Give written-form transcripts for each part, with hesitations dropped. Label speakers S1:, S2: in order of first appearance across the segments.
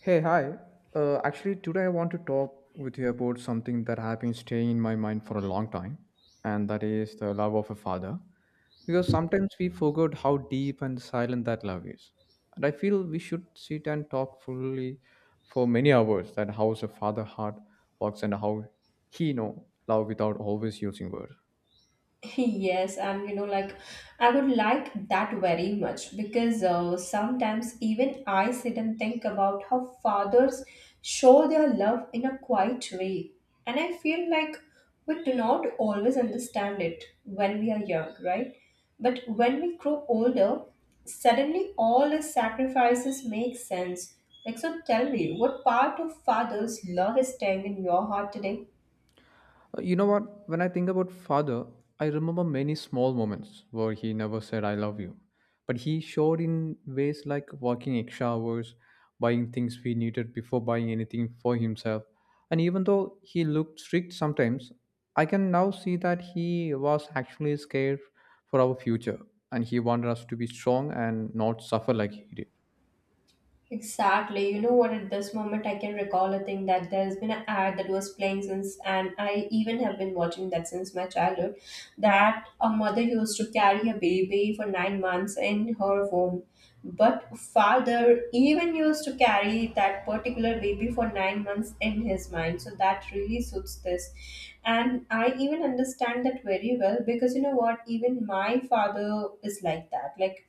S1: Hey, hi. Actually, today I want to talk with you about something that has been staying in my mind for a long time, and that is the love of a father. Because sometimes we forget how deep and silent that love is. And I feel we should sit and talk fully for many hours that how a father heart works and how he know love without always using words.
S2: Yes, and you know, like, I would like that very much because sometimes even I sit and think about how fathers show their love in a quiet way, and I feel like we do not always understand it when we are young, right? But when we grow older, suddenly all the sacrifices make sense. Like, so tell me, what part of father's love is staying in your heart today?
S1: You know what? When I think about father, I remember many small moments where he never said I love you. But he showed in ways like working extra hours, buying things we needed before buying anything for himself. And even though he looked strict sometimes, I can now see that he was actually scared for our future and he wanted us to be strong and not suffer like he did.
S2: Exactly. You know what? At this moment, I can recall a thing that there's been an ad that was playing since, and I even have been watching that since my childhood. That a mother used to carry her baby for 9 months in her womb, but father even used to carry that particular baby for 9 months in his mind. So that really suits this, and I even understand that very well because you know what? Even my father is like that. Like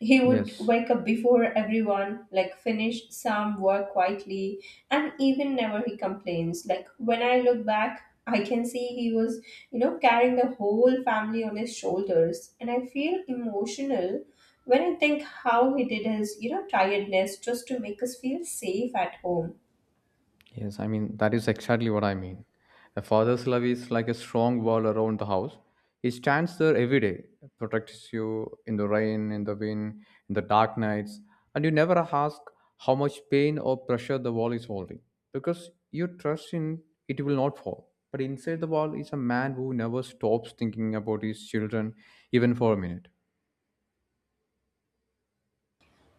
S2: he would
S1: Yes.
S2: wake up before everyone, like finish some work quietly, and even never he complains. Like when I look back, I can see he was, you know, carrying the whole family on his shoulders, and I feel emotional when I think how he did his, you know, tiredness just to make us feel safe at home.
S1: Yes, I mean, that is exactly what I mean. A father's love is like a strong wall around the house. He stands there every day, protects you in the rain, in the wind, in the dark nights, and you never ask how much pain or pressure the wall is holding because you trust in it will not fall. But inside the wall is a man who never stops thinking about his children, even for a minute.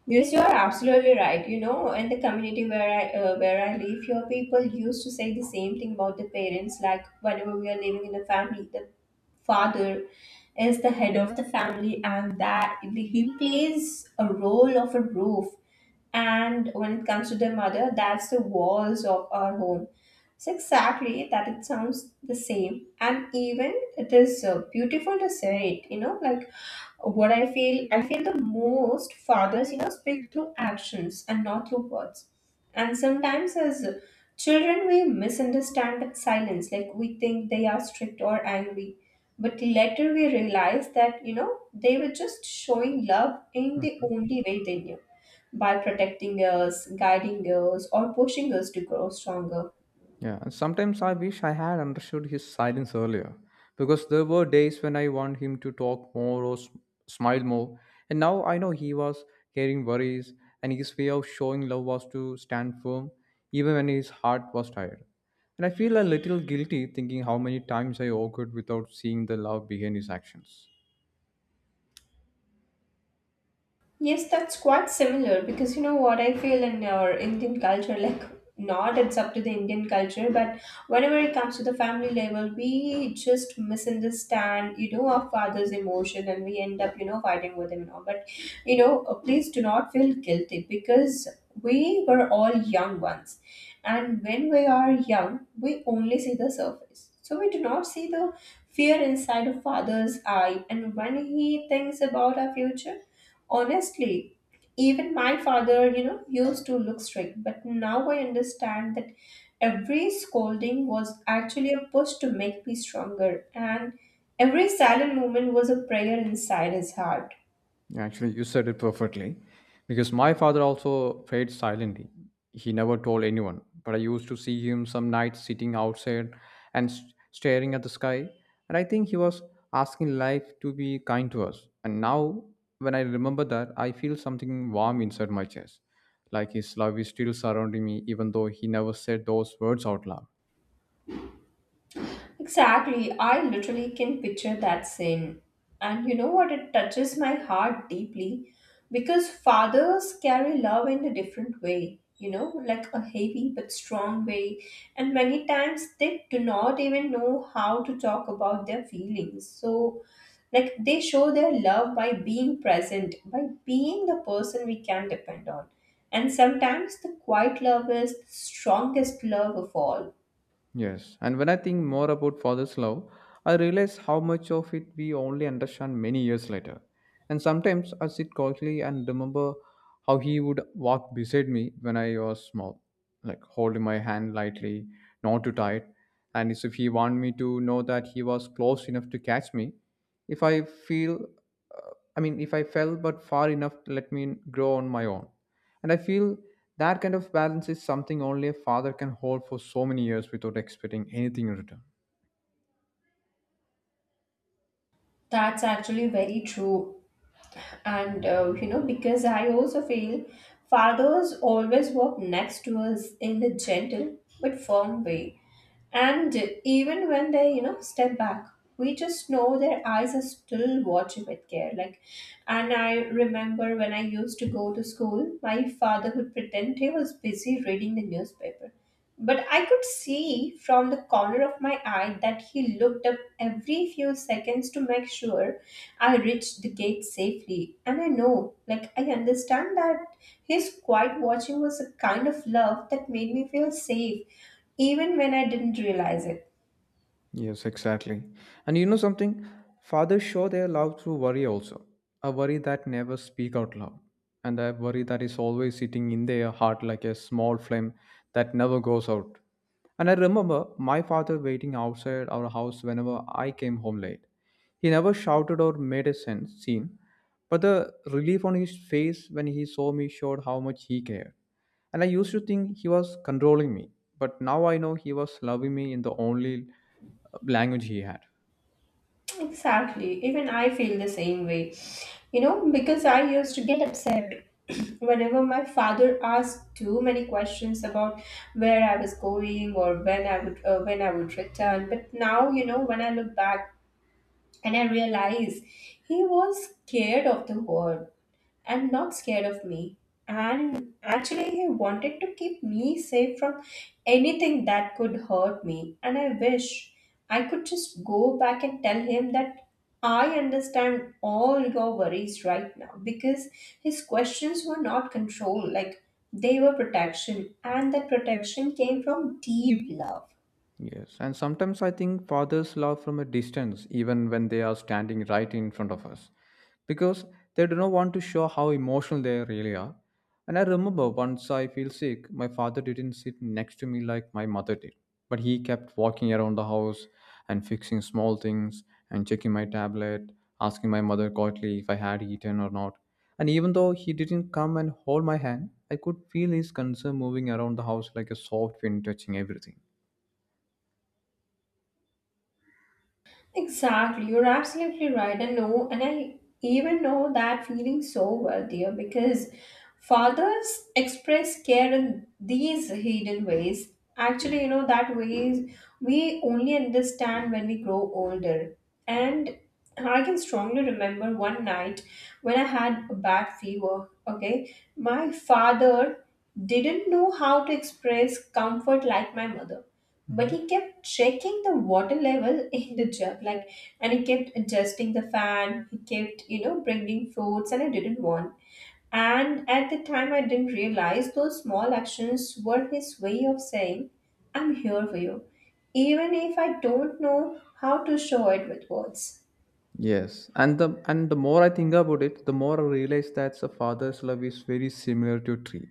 S2: Yes, you are absolutely right. You know, in the community where I live, here people used to say the same thing about the parents. Like whenever we are living in a family, the father is the head of the family, and that he plays a role of a roof. And when it comes to the mother, that's the walls of our home. It's exactly that. It sounds the same, and even it is beautiful to say it. You know, like, what I feel the most fathers, you know, speak through actions and not through words. And sometimes as children we misunderstand that silence. Like we think they are strict or angry, but later we realize that, you know, they were just showing love in the only way they knew, by protecting us, guiding us, or pushing us to grow stronger.
S1: Yeah, and sometimes I wish I had understood his silence earlier because there were days when I want him to talk more or smile more. And now I know he was carrying worries, and his way of showing love was to stand firm even when his heart was tired. And I feel a little guilty thinking how many times I awkward without seeing the love behind his actions.
S2: Yes, that's quite similar because you know what I feel in our Indian culture, like, not it's up to the Indian culture, but whenever it comes to the family level, we just misunderstand, you know, our father's emotion and we end up, you know, fighting with him and all. But you know, please do not feel guilty because we were all young once. And when we are young, we only see the surface. So we do not see the fear inside a father's eye and when he thinks about our future. Honestly, even my father, you know, used to look strict, but now I understand that every scolding was actually a push to make me stronger, and every silent moment was a prayer inside his heart.
S1: Actually, you said it perfectly. Because my father also prayed silently. He never told anyone, but I used to see him some nights sitting outside and staring at the sky. And I think he was asking life to be kind to us. And now, when I remember that, I feel something warm inside my chest. Like his love is still surrounding me, even though he never said those words out loud.
S2: Exactly. I literally can picture that scene. And you know what? It touches my heart deeply because fathers carry love in a different way, you know, like a heavy but strong way. And many times they do not even know how to talk about their feelings. So, like, they show their love by being present, by being the person we can depend on. And sometimes the quiet love is the strongest love of all.
S1: Yes, and when I think more about father's love, I realize how much of it we only understand many years later. And sometimes I sit quietly and remember how he would walk beside me when I was small, like holding my hand lightly, not too tight, and as if he wanted me to know that he was close enough to catch me. If I feel, uh, I mean, if I fell but far enough to let me grow on my own. And I feel that kind of balance is something only a father can hold for so many years without expecting anything in return.
S2: That's actually very true. And you know, because I also feel fathers always walk next to us in the gentle but firm way. And even when they, you know, step back, we just know their eyes are still watching with care. Like, and I remember when I used to go to school, my father would pretend he was busy reading the newspaper, but I could see from the corner of my eye that he looked up every few seconds to make sure I reached the gate safely. And I know, like, I understand that his quiet watching was a kind of love that made me feel safe, even when I didn't realize it.
S1: Yes, exactly. And you know something? Fathers show their love through worry also. A worry that never speak out loud. And a worry that is always sitting in their heart like a small flame that never goes out. And I remember my father waiting outside our house whenever I came home late. He never shouted or made a scene, but the relief on his face when he saw me showed how much he cared. And I used to think he was controlling me but now I know he was loving me in the only language he had.
S2: Exactly. Even I feel the same way. You know, because I used to get upset whenever my father asked too many questions about where I was going or when I would return. But now, you know, when I look back and I realize he was scared of the world and not scared of me. And actually, he wanted to keep me safe from anything that could hurt me. And I wish I could just go back and tell him that I understand all your worries right now because his questions were not control, like, they were protection, and that protection came from deep love.
S1: Yes, and sometimes I think fathers love from a distance, even when they are standing right in front of us, because they do not want to show how emotional they really are. And I remember once I feel sick, my father didn't sit next to me like my mother did, but he kept walking around the house and fixing small things and checking my tablet, asking my mother quietly if I had eaten or not. And even though he didn't come and hold my hand, I could feel his concern moving around the house like a soft wind touching everything.
S2: Exactly, you're absolutely right. I know, and I even know that feeling so well, dear, because fathers express care in these hidden ways. Actually, you know, that ways we only understand when we grow older. And I can strongly remember one night when I had a bad fever. Okay, my father didn't know how to express comfort like my mother, but
S1: Mhm.
S2: he kept checking the water level in the jug, like, and he kept adjusting the fan, he kept, you know, bringing fruits and I didn't want. And at the time I didn't realize those small actions were his way of saying I'm here for you, even if I don't know how to show it with words.
S1: Yes, and the more I think about it, the more I realize that a father's love is very similar to a tree,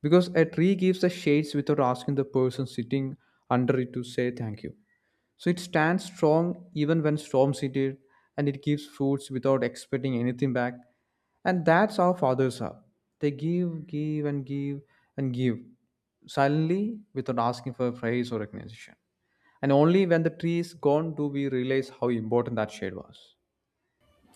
S1: because a tree gives the shades without asking the person sitting under it to say thank you. So it stands strong even when storms hit it, and it gives fruits without expecting anything back. And that's how fathers are. They give, give, and give, and give silently without asking for praise or recognition. And only when the tree is gone do we realize how important that shade was.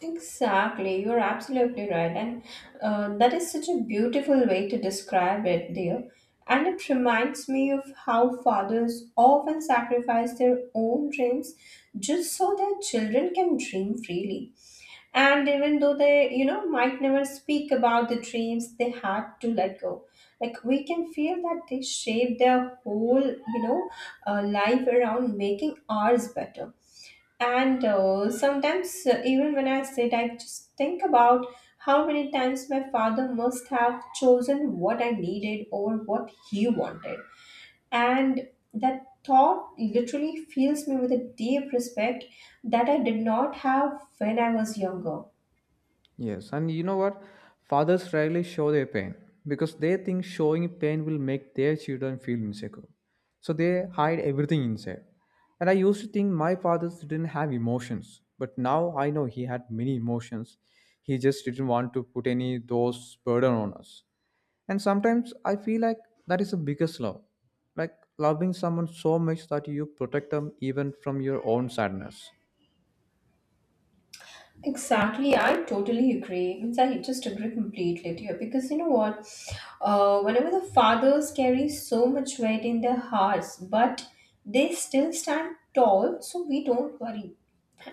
S2: Exactly, you're absolutely right, and that is such a beautiful way to describe it, dear. And it reminds me of how fathers often sacrifice their own dreams just so their children can dream freely. And even though they, you know, might never speak about the dreams they had to let go, like, we can feel that they shape their whole, you know, life around making ours better. And sometimes, even when I sit, I just think about how many times my father must have chosen what I needed over what he wanted. And that thought literally fills me with a deep respect that I did not have when I was younger.
S1: Yes, and you know what? Fathers rarely show their pain because they think showing pain will make their children feel insecure. So they hide everything inside. And I used to think my fathers didn't have emotions, but now I know he had many emotions. He just didn't want to put any those burden on us. And sometimes I feel like that is the biggest love. Like loving someone so much that you protect them even from your own sadness.
S2: Exactly, I totally agree. In fact, I just agree completely to you because you know what? Whenever the fathers carry so much weight in their hearts, but they still stand tall, so we don't worry.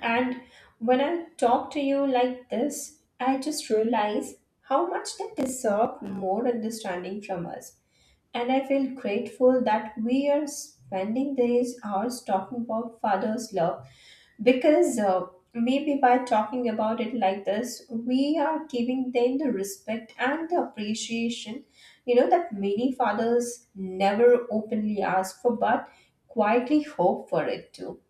S2: And when I talk to you like this, I just realize how much they deserve more understanding from us. And I feel grateful that we are spending these hours talking about father's love because maybe by talking about it like this, we are giving them the respect and the appreciation, you know, that many fathers never openly ask for but quietly hope for it too.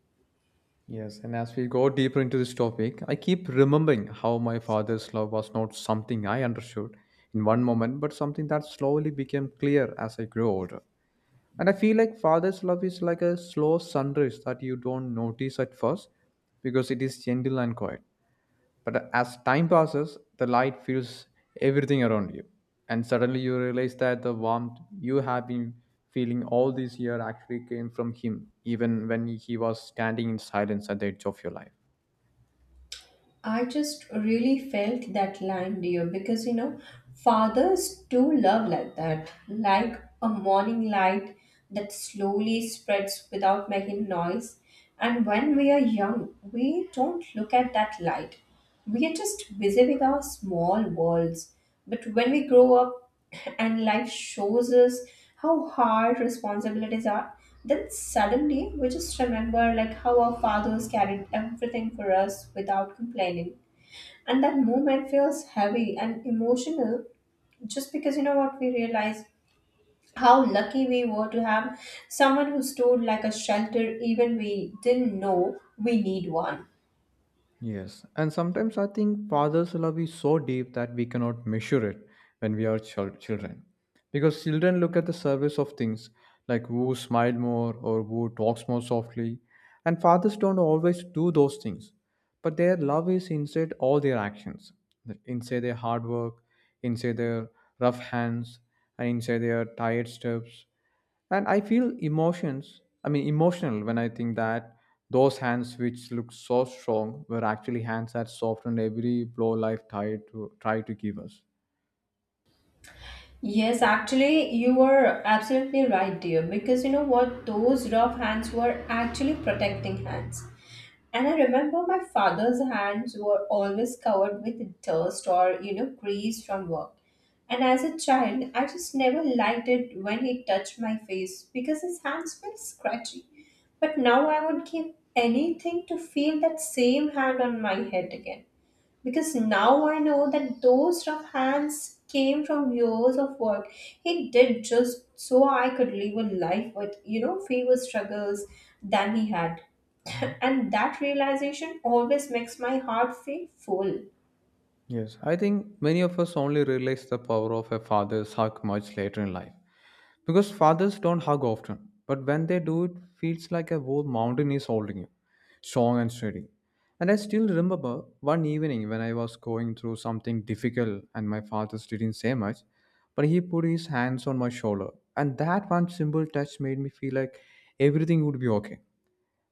S1: Yes, and as we go deeper into this topic, I keep remembering how my father's love was not something I understood in one moment, but something that slowly became clear as I grew older. And I feel like father's love is like a slow sunrise that you don't notice at first because it is gentle and quiet. But as time passes, the light fills everything around you. And suddenly you realize that the warmth you have been feeling all this year actually came from him, even when he was standing in silence at the edge of your life.
S2: I just really felt that line, dear, because you know, fathers do love like that, like a morning light that slowly spreads without making noise. And when we are young, we don't look at that light. We are just busy with our small worlds. But when we grow up, and life shows us how hard responsibilities are, then suddenly we just remember, like, how our fathers carried everything for us without complaining. And that moment feels heavy and emotional just because, you know what, we realize how lucky we were to have someone who stood like a shelter, even we didn't know we need one.
S1: Yes. And sometimes I think father's love is so deep that we cannot measure it when we are children. Because children look at the surface of things, like who smiled more or who talks more softly, and fathers don't always do those things, but their love is inside all their actions, like inside their hard work, inside their rough hands, and inside their tired steps. And I feel emotions I mean emotional when I think that those hands which look so strong were actually hands that softened every blow life tried to try to give us.
S2: Yes, actually, you were absolutely right, dear. Because you know what? Those rough hands were actually protecting hands. And I remember my father's hands were always covered with dust or, you know, grease from work. And as a child, I just never liked it when he touched my face because his hands felt scratchy. But now I would give anything to feel that same hand on my head again because now I know that those rough hands came from years of work he did just so I could live a life with, you know, fewer struggles than he had. And that realization always makes my heart feel full.
S1: Yes, I think many of us only realize the power of a father's hug much later in life. Because fathers don't hug often, but when they do, it feels like a whole mountain is holding you, strong and steady. And I still remember one evening when I was going through something difficult and my father didn't say much, but he put his hands on my shoulder. And that one simple touch made me feel like everything would be okay.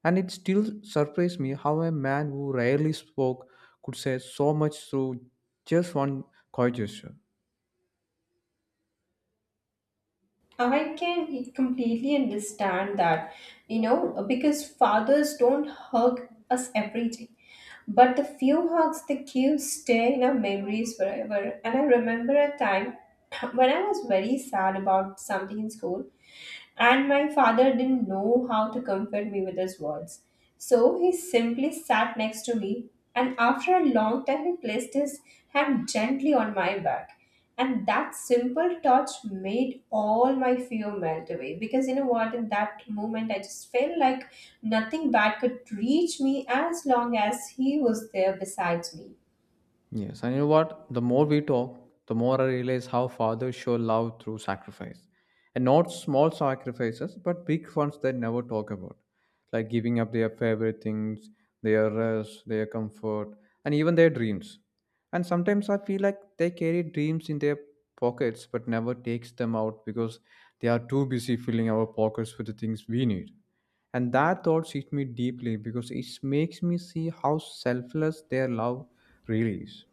S1: And it still surprised me how a man who rarely spoke could say so much through just one coy gesture.
S2: I can completely understand that, you know, because fathers don't hug us every day. But the few hugs they give stay in our memories forever. And I remember a time when I was very sad about something in school. And my father didn't know how to comfort me with his words. So he simply sat next to me, and after a long time, he placed his hand gently on my back. And that simple touch made all my fear melt away. Because you know what, in that moment, I just felt like nothing bad could reach me as long as he was there beside me.
S1: Yes, and you know what? The more we talk, the more I realize how fathers show love through sacrifice. And not small sacrifices, but big ones they never talk about. Like giving up their favorite things, their rest, their comfort, and even their dreams. And sometimes I feel like they carry dreams in their pockets but never takes them out because they are too busy filling our pockets with the things we need. And that thought hit me deeply because it makes me see how selfless their love really is.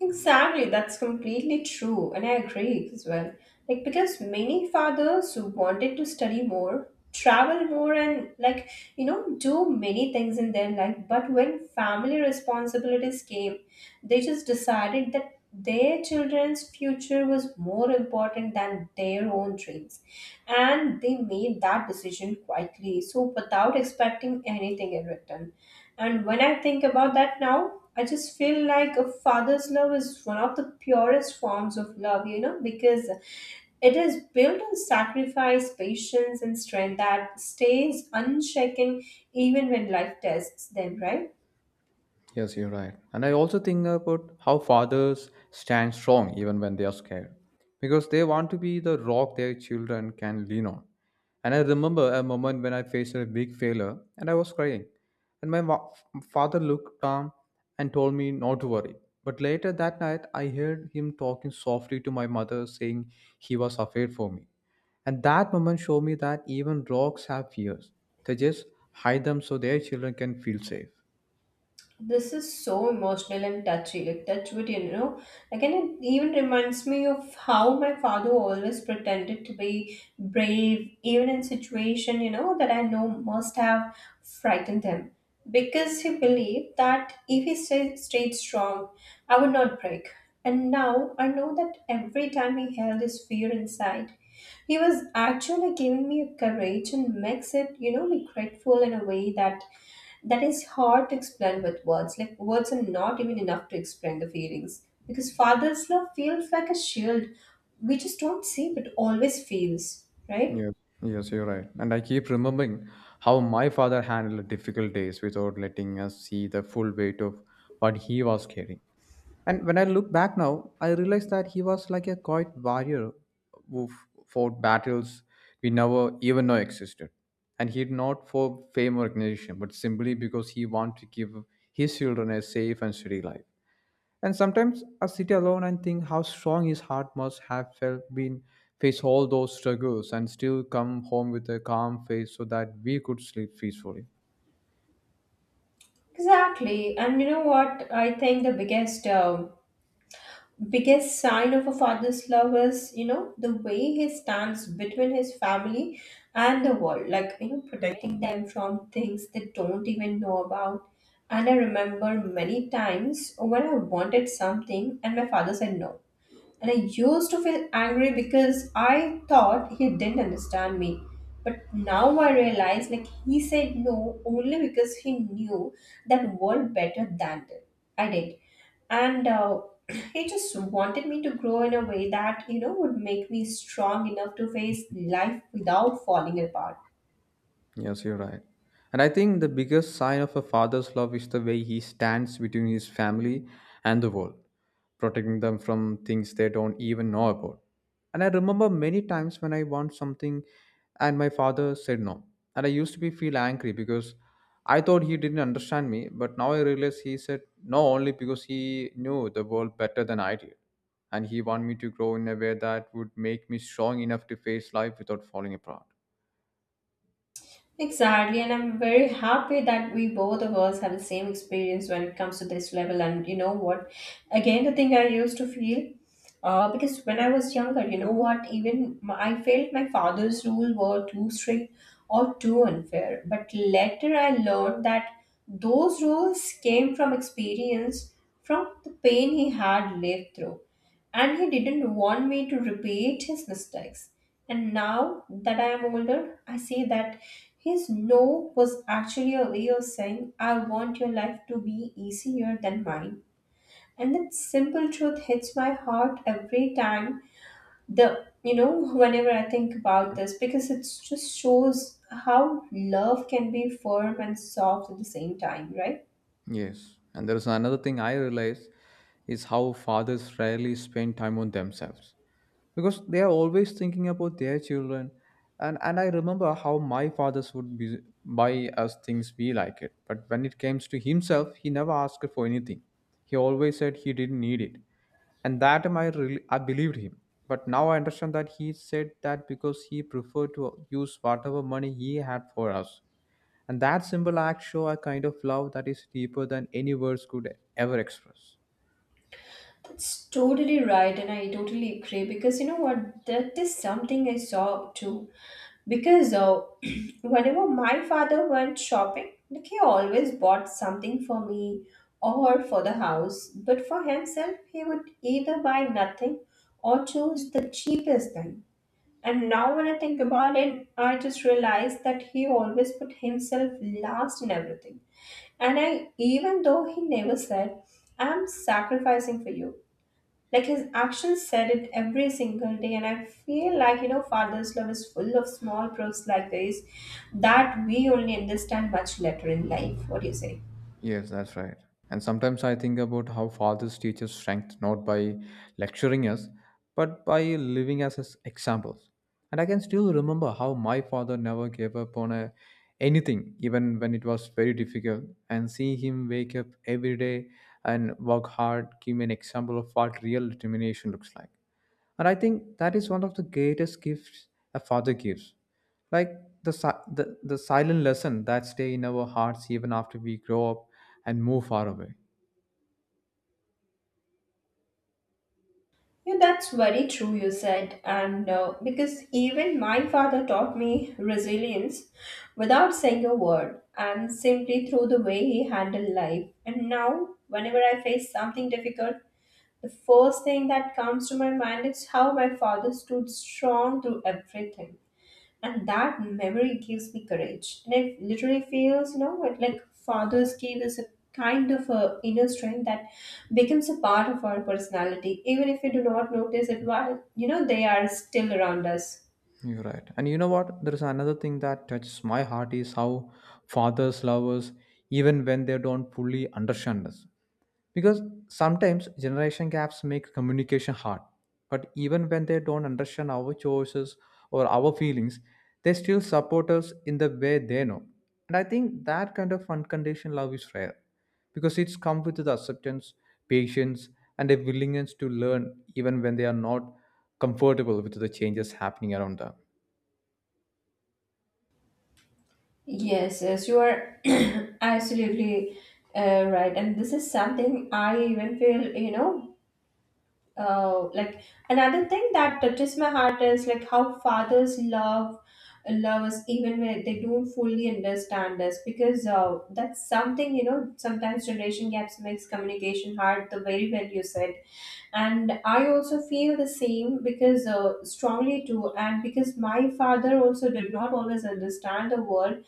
S2: Exactly, that's completely true, and I agree as well. Like, because many fathers wanted to study more, travel more, and, like, you know, do many things in their life. But when family responsibilities came, they just decided that their children's future was more important than their own dreams. And they made that decision quietly, so without expecting anything in return. And when I think about that now, I just feel like a father's love is one of the purest forms of love, you know, because it is built on sacrifice, patience, and strength that stays unshaken even when life tests them, right?
S1: Yes, you're right. And I also think about how fathers stand strong even when they are scared because they want to be the rock their children can lean on. And I remember a moment when I faced a big failure and I was crying. And my father looked calm and told me not to worry. But later that night, I heard him talking softly to my mother, saying he was afraid for me. And that moment showed me that even rocks have fears, they just hide them so their children can feel safe.
S2: This is so emotional and touchy. Like touch wood, you know. Again, it even reminds me of how my father always pretended to be brave, even in situation you know that I know must have frightened him, because he believed that if he stayed strong, I would not break. And now I know that every time he held his fear inside, he was actually giving me a courage and makes it, you know, be grateful in a way that that is hard to explain with words. Like words are not even enough to explain the feelings because father's love feels like a shield. We just don't see, but always feels right.
S1: Yes, yes, you're right. And I keep remembering how my father handled difficult days without letting us see the full weight of what he was carrying. And when I look back now, I realize that he was like a quiet warrior who fought battles we never even know existed. And he did not for fame or recognition, but simply because he wanted to give his children a safe and steady life. And sometimes I sit alone and think how strong his heart must have felt been face all those struggles and still come home with a calm face so that we could sleep peacefully.
S2: Exactly, and you know what? I think the biggest sign of a father's love is you know the way he stands between his family and the world, like you know protecting them from things they don't even know about. And I remember many times when I wanted something and my father said no. And I used to feel angry because I thought he didn't understand me. But now I realize like he said no only because he knew that world better than I did. And He just wanted me to grow in a way that, you know, would make me strong enough to face life without falling apart.
S1: Yes, you're right. And I think the biggest sign of a father's love is the way he stands between his family and the world, protecting them from things they don't even know about. And I remember many times when I want something and my father said no. And I used to be feel angry because I thought he didn't understand me, but now I realize he said no only because he knew the world better than I did. And he wanted me to grow in a way that would make me strong enough to face life without falling apart.
S2: Exactly, and I'm very happy that we both of us have the same experience when it comes to this level. And you know what? Again, the thing I used to feel, because when I was younger, you know what? Even my, I felt my father's rules were too strict or too unfair. But later, I learned that those rules came from experience, from the pain he had lived through and he didn't want me to repeat his mistakes. And now that I am older, I see that his no was actually a way of saying, I want your life to be easier than mine. And that simple truth hits my heart every time the you know, whenever I think about this, because it just shows how love can be firm and soft at the same time, right?
S1: Yes, and there is another thing I realize is how fathers rarely spend time on themselves because they are always thinking about their children. And I remember how my fathers would be, buy us things we like it. But when it comes to himself, he never asked for anything. He always said he didn't need it. And that time I, really, I believed him. But now I understand that he said that because he preferred to use whatever money he had for us, and that simple act show a kind of love that is deeper than any words could ever express.
S2: That's totally right, and I totally agree because you know what? That is something I saw too. Because Whenever my father went shopping, like he always bought something for me or for the house, but for himself, he would either buy nothing or choose the cheapest thing. And now, when I think about it, I just realize that he always put himself last in everything. And I, even though he never said, I'm sacrificing for you, like his actions said it every single day, and I feel like you know, father's love is full of small proofs like this that we only understand much later in life. What do you say?
S1: Yes, that's right. And sometimes I think about how fathers teach us strength not by lecturing us, but by living us as examples. And I can still remember how my father never gave up on anything, even when it was very difficult. And seeing him wake up every day and work hard gave me an example of what real determination looks like. And I think that is one of the greatest gifts a father gives, like the silent lesson that stay in our hearts even after we grow up and move far away.
S2: Yeah, that's very true, you said. And Because even my father taught me resilience without saying a word and simply through the way he handled life. And now, whenever I face something difficult, the first thing that comes to my mind is how my father stood strong through everything. And that memory gives me courage and it literally feels you know what like father's cave us a kind of a inner strength that becomes a part of our personality even if we do not notice it while you know they are still around us.
S1: You're right, and you know what, there is another thing that touches my heart is how fathers love us even when they don't fully understand us, because sometimes generation gaps make communication hard. But even when they don't understand our choices or our feelings, they still support us in the way they know. And I think that kind of unconditional love is rare because it's come with the acceptance, patience, and a willingness to learn even when they are not comfortable with the changes happening around them.
S2: Yes, yes, you are absolutely right. And this is something I even feel, you know, like another thing that touches my heart is like how fathers love us even when they don't fully understand us because that's something you know sometimes generation gaps makes communication hard the very well you said. And I also feel the same because strongly too and because my father also did not always understand the world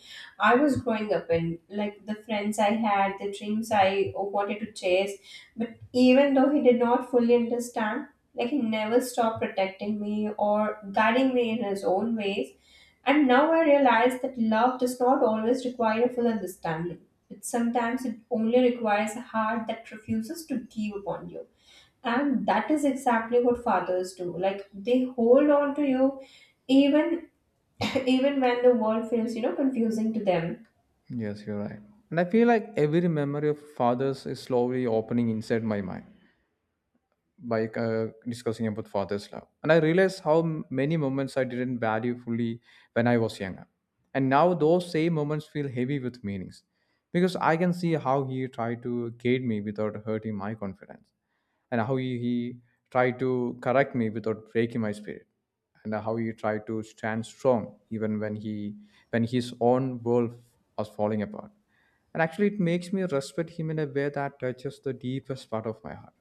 S2: I was growing up in like the friends I had the dreams I wanted to chase. But even though he did not fully understand, like he never stopped protecting me or guiding me in his own ways. And now I realize that love does not always require a full understanding. It sometimes it only requires a heart that refuses to give upon you. And that is exactly what fathers do. Like they hold on to you even even when the world feels, you know, confusing to them.
S1: Yes, you're right. And I feel like every memory of fathers is slowly opening inside my mind by discussing about father's love, and I realized how many moments I didn't value fully when I was younger, and now those same moments feel heavy with meanings, because I can see how he tried to guide me without hurting my confidence, and how he tried to correct me without breaking my spirit, and how he tried to stand strong even when he when his own world was falling apart. And actually it makes me respect him in a way that touches the deepest part of my heart.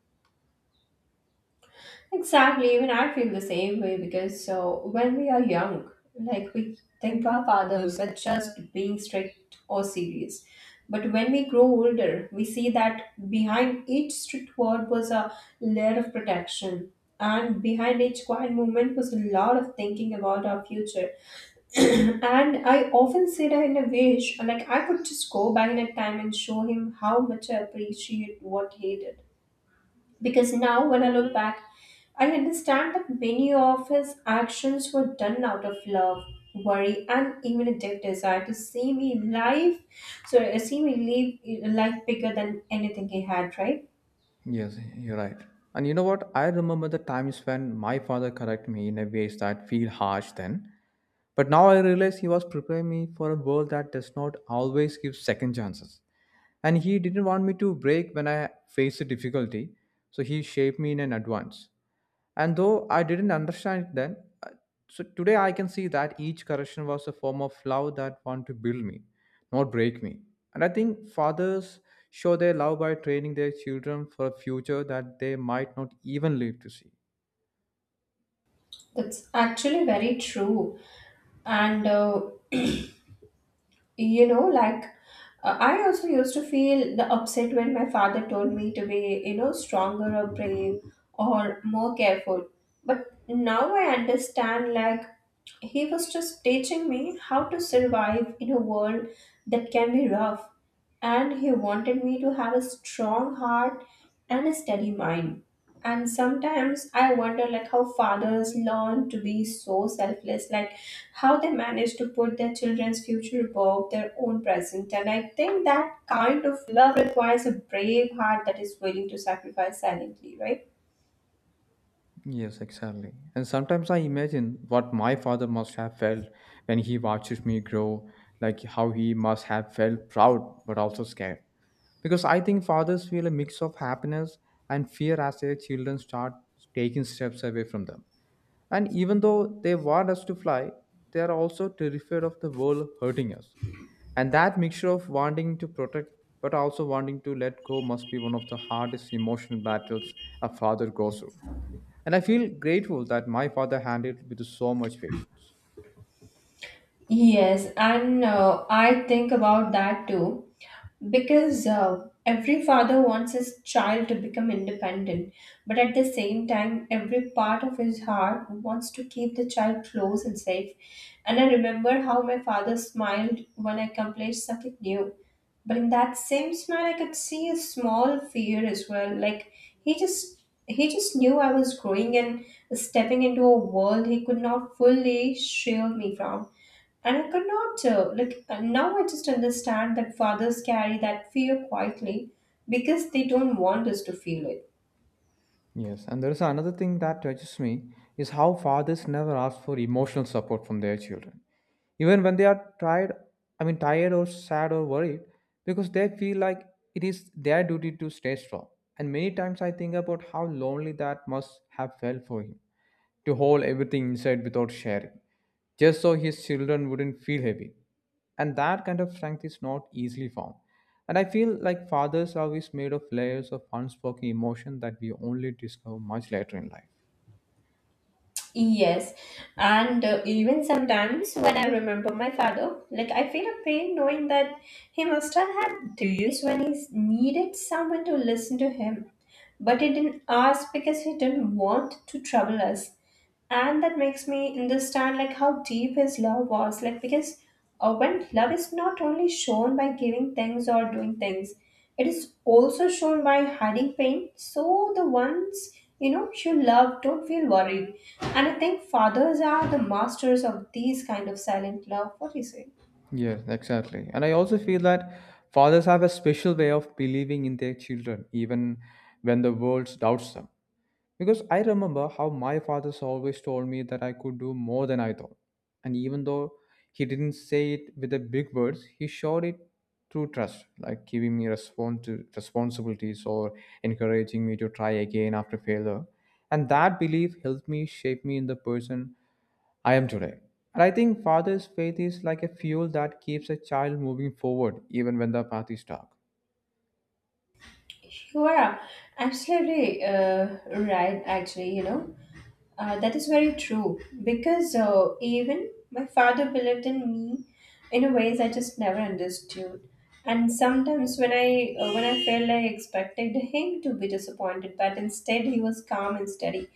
S2: Exactly, even I feel the same way because so when we are young, like we think our fathers are just being strict or serious. But when we grow older, we see that behind each strict word was a layer of protection, and behind each quiet movement was a lot of thinking about our future. And I often say that in a wish, like I could just go back in a time and show him how much I appreciate what he did because now, when I look back, I understand that many of his actions were done out of love, worry, and even a deep desire to see me live. See me live a life bigger than anything he had, right?
S1: Yes, you're right. And you know what? I remember the times when my father corrected me in a ways that feel harsh then. But now I realize he was preparing me for a world that does not always give second chances. And he didn't want me to break when I faced a difficulty, so he shaped me in an advance. And though I didn't understand it then, uh, so today I can see that each correction was a form of love that wanted to build me, not break me. And I think fathers show their love by training their children for a future that they might not even live to see.
S2: That's actually very true. And, uh, you know, like, I also used to feel the upset when my father told me to be, you know, stronger or brave or more careful. But now I understand, like, he was just teaching me how to survive in a world that can be rough, and he wanted me to have a strong heart and a steady mind. And sometimes I wonder like how fathers learn to be so selfless, like how they manage to put their children's future above their own present. And I think that kind of love requires a brave heart that is willing to sacrifice silently, right?
S1: Yes, exactly. And sometimes I imagine what my father must have felt when he watches me grow, like how he must have felt proud but also scared. Because I think fathers feel a mix of happiness and fear as their children start taking steps away from them. And even though they want us to fly, they are also terrified of the world hurting us. And that mixture of wanting to protect but also wanting to let go must be one of the hardest emotional battles a father goes through. And I feel grateful that my father handled it with so much patience.
S2: Yes, and I think about that too because every father wants his child to become independent, but at the same time, every part of his heart wants to keep the child close and safe. And I remember how my father smiled when I accomplished something new, but in that same smile, I could see a small fear as well. Like he just he just knew I was growing and stepping into a world he could not fully shield me from. And I could not, now I just understand that fathers carry that fear quietly because they don't want us to feel it.
S1: Yes, and there is another thing that touches me is how fathers never ask for emotional support from their children. Even when they are tired, I mean tired or sad or worried, because they feel like it is their duty to stay strong. And many times I think about how lonely that must have felt for him, to hold everything inside without sharing, just so his children wouldn't feel heavy. And that kind of strength is not easily found. And I feel like father's love is made of layers of unspoken emotion that we only discover much later in life.
S2: Yes, and even sometimes when I remember my father, like I feel a pain knowing that he must have had days when he needed someone to listen to him, but he didn't ask because he didn't want to trouble us. And that makes me understand like how deep his love was like because when love is not only shown by giving things or doing things, it is also shown by hiding pain so the ones you know you love don't feel worried. And I think fathers are the masters of these kind of silent love, what do you say?
S1: Yes, exactly. And I also feel that fathers have a special way of believing in their children, even when the world doubts them. Because I remember how my father's always told me that I could do more than I thought. And even though he didn't say it with the big words, he showed it through trust, like giving me responsibilities or encouraging me to try again after failure. And that belief helped me shape me in the person I am today. And I think father's faith is like a fuel that keeps a child moving forward even when the path is dark.
S2: You are absolutely right, actually, you know. That is very true because even my father believed in me in a ways I just never understood. And sometimes when I when I felt I expected him to be disappointed, but instead he was calm and steady,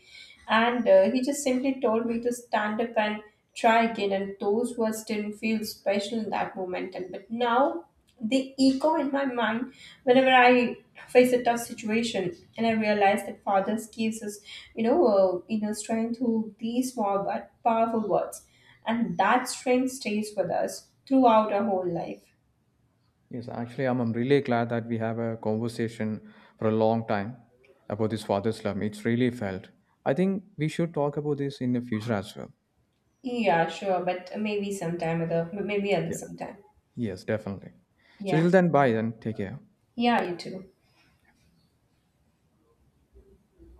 S2: and he just simply told me to stand up and try again. And those words didn't feel special in that moment. And but now the echo in my mind whenever I face a tough situation, and I realize that father's gives us, you know, inner strength through these small but powerful words, and that strength stays with us throughout our whole life.
S1: Yes, actually, I'm really glad that we have a conversation for a long time about this father slum. It's really felt. I think we should talk about this in the future as well.
S2: Yeah, sure, but maybe sometime other, maybe other
S1: Yeah.
S2: sometime.
S1: Yes, definitely. So till
S2: Yeah,
S1: then, bye and take care.
S2: yeah, you too.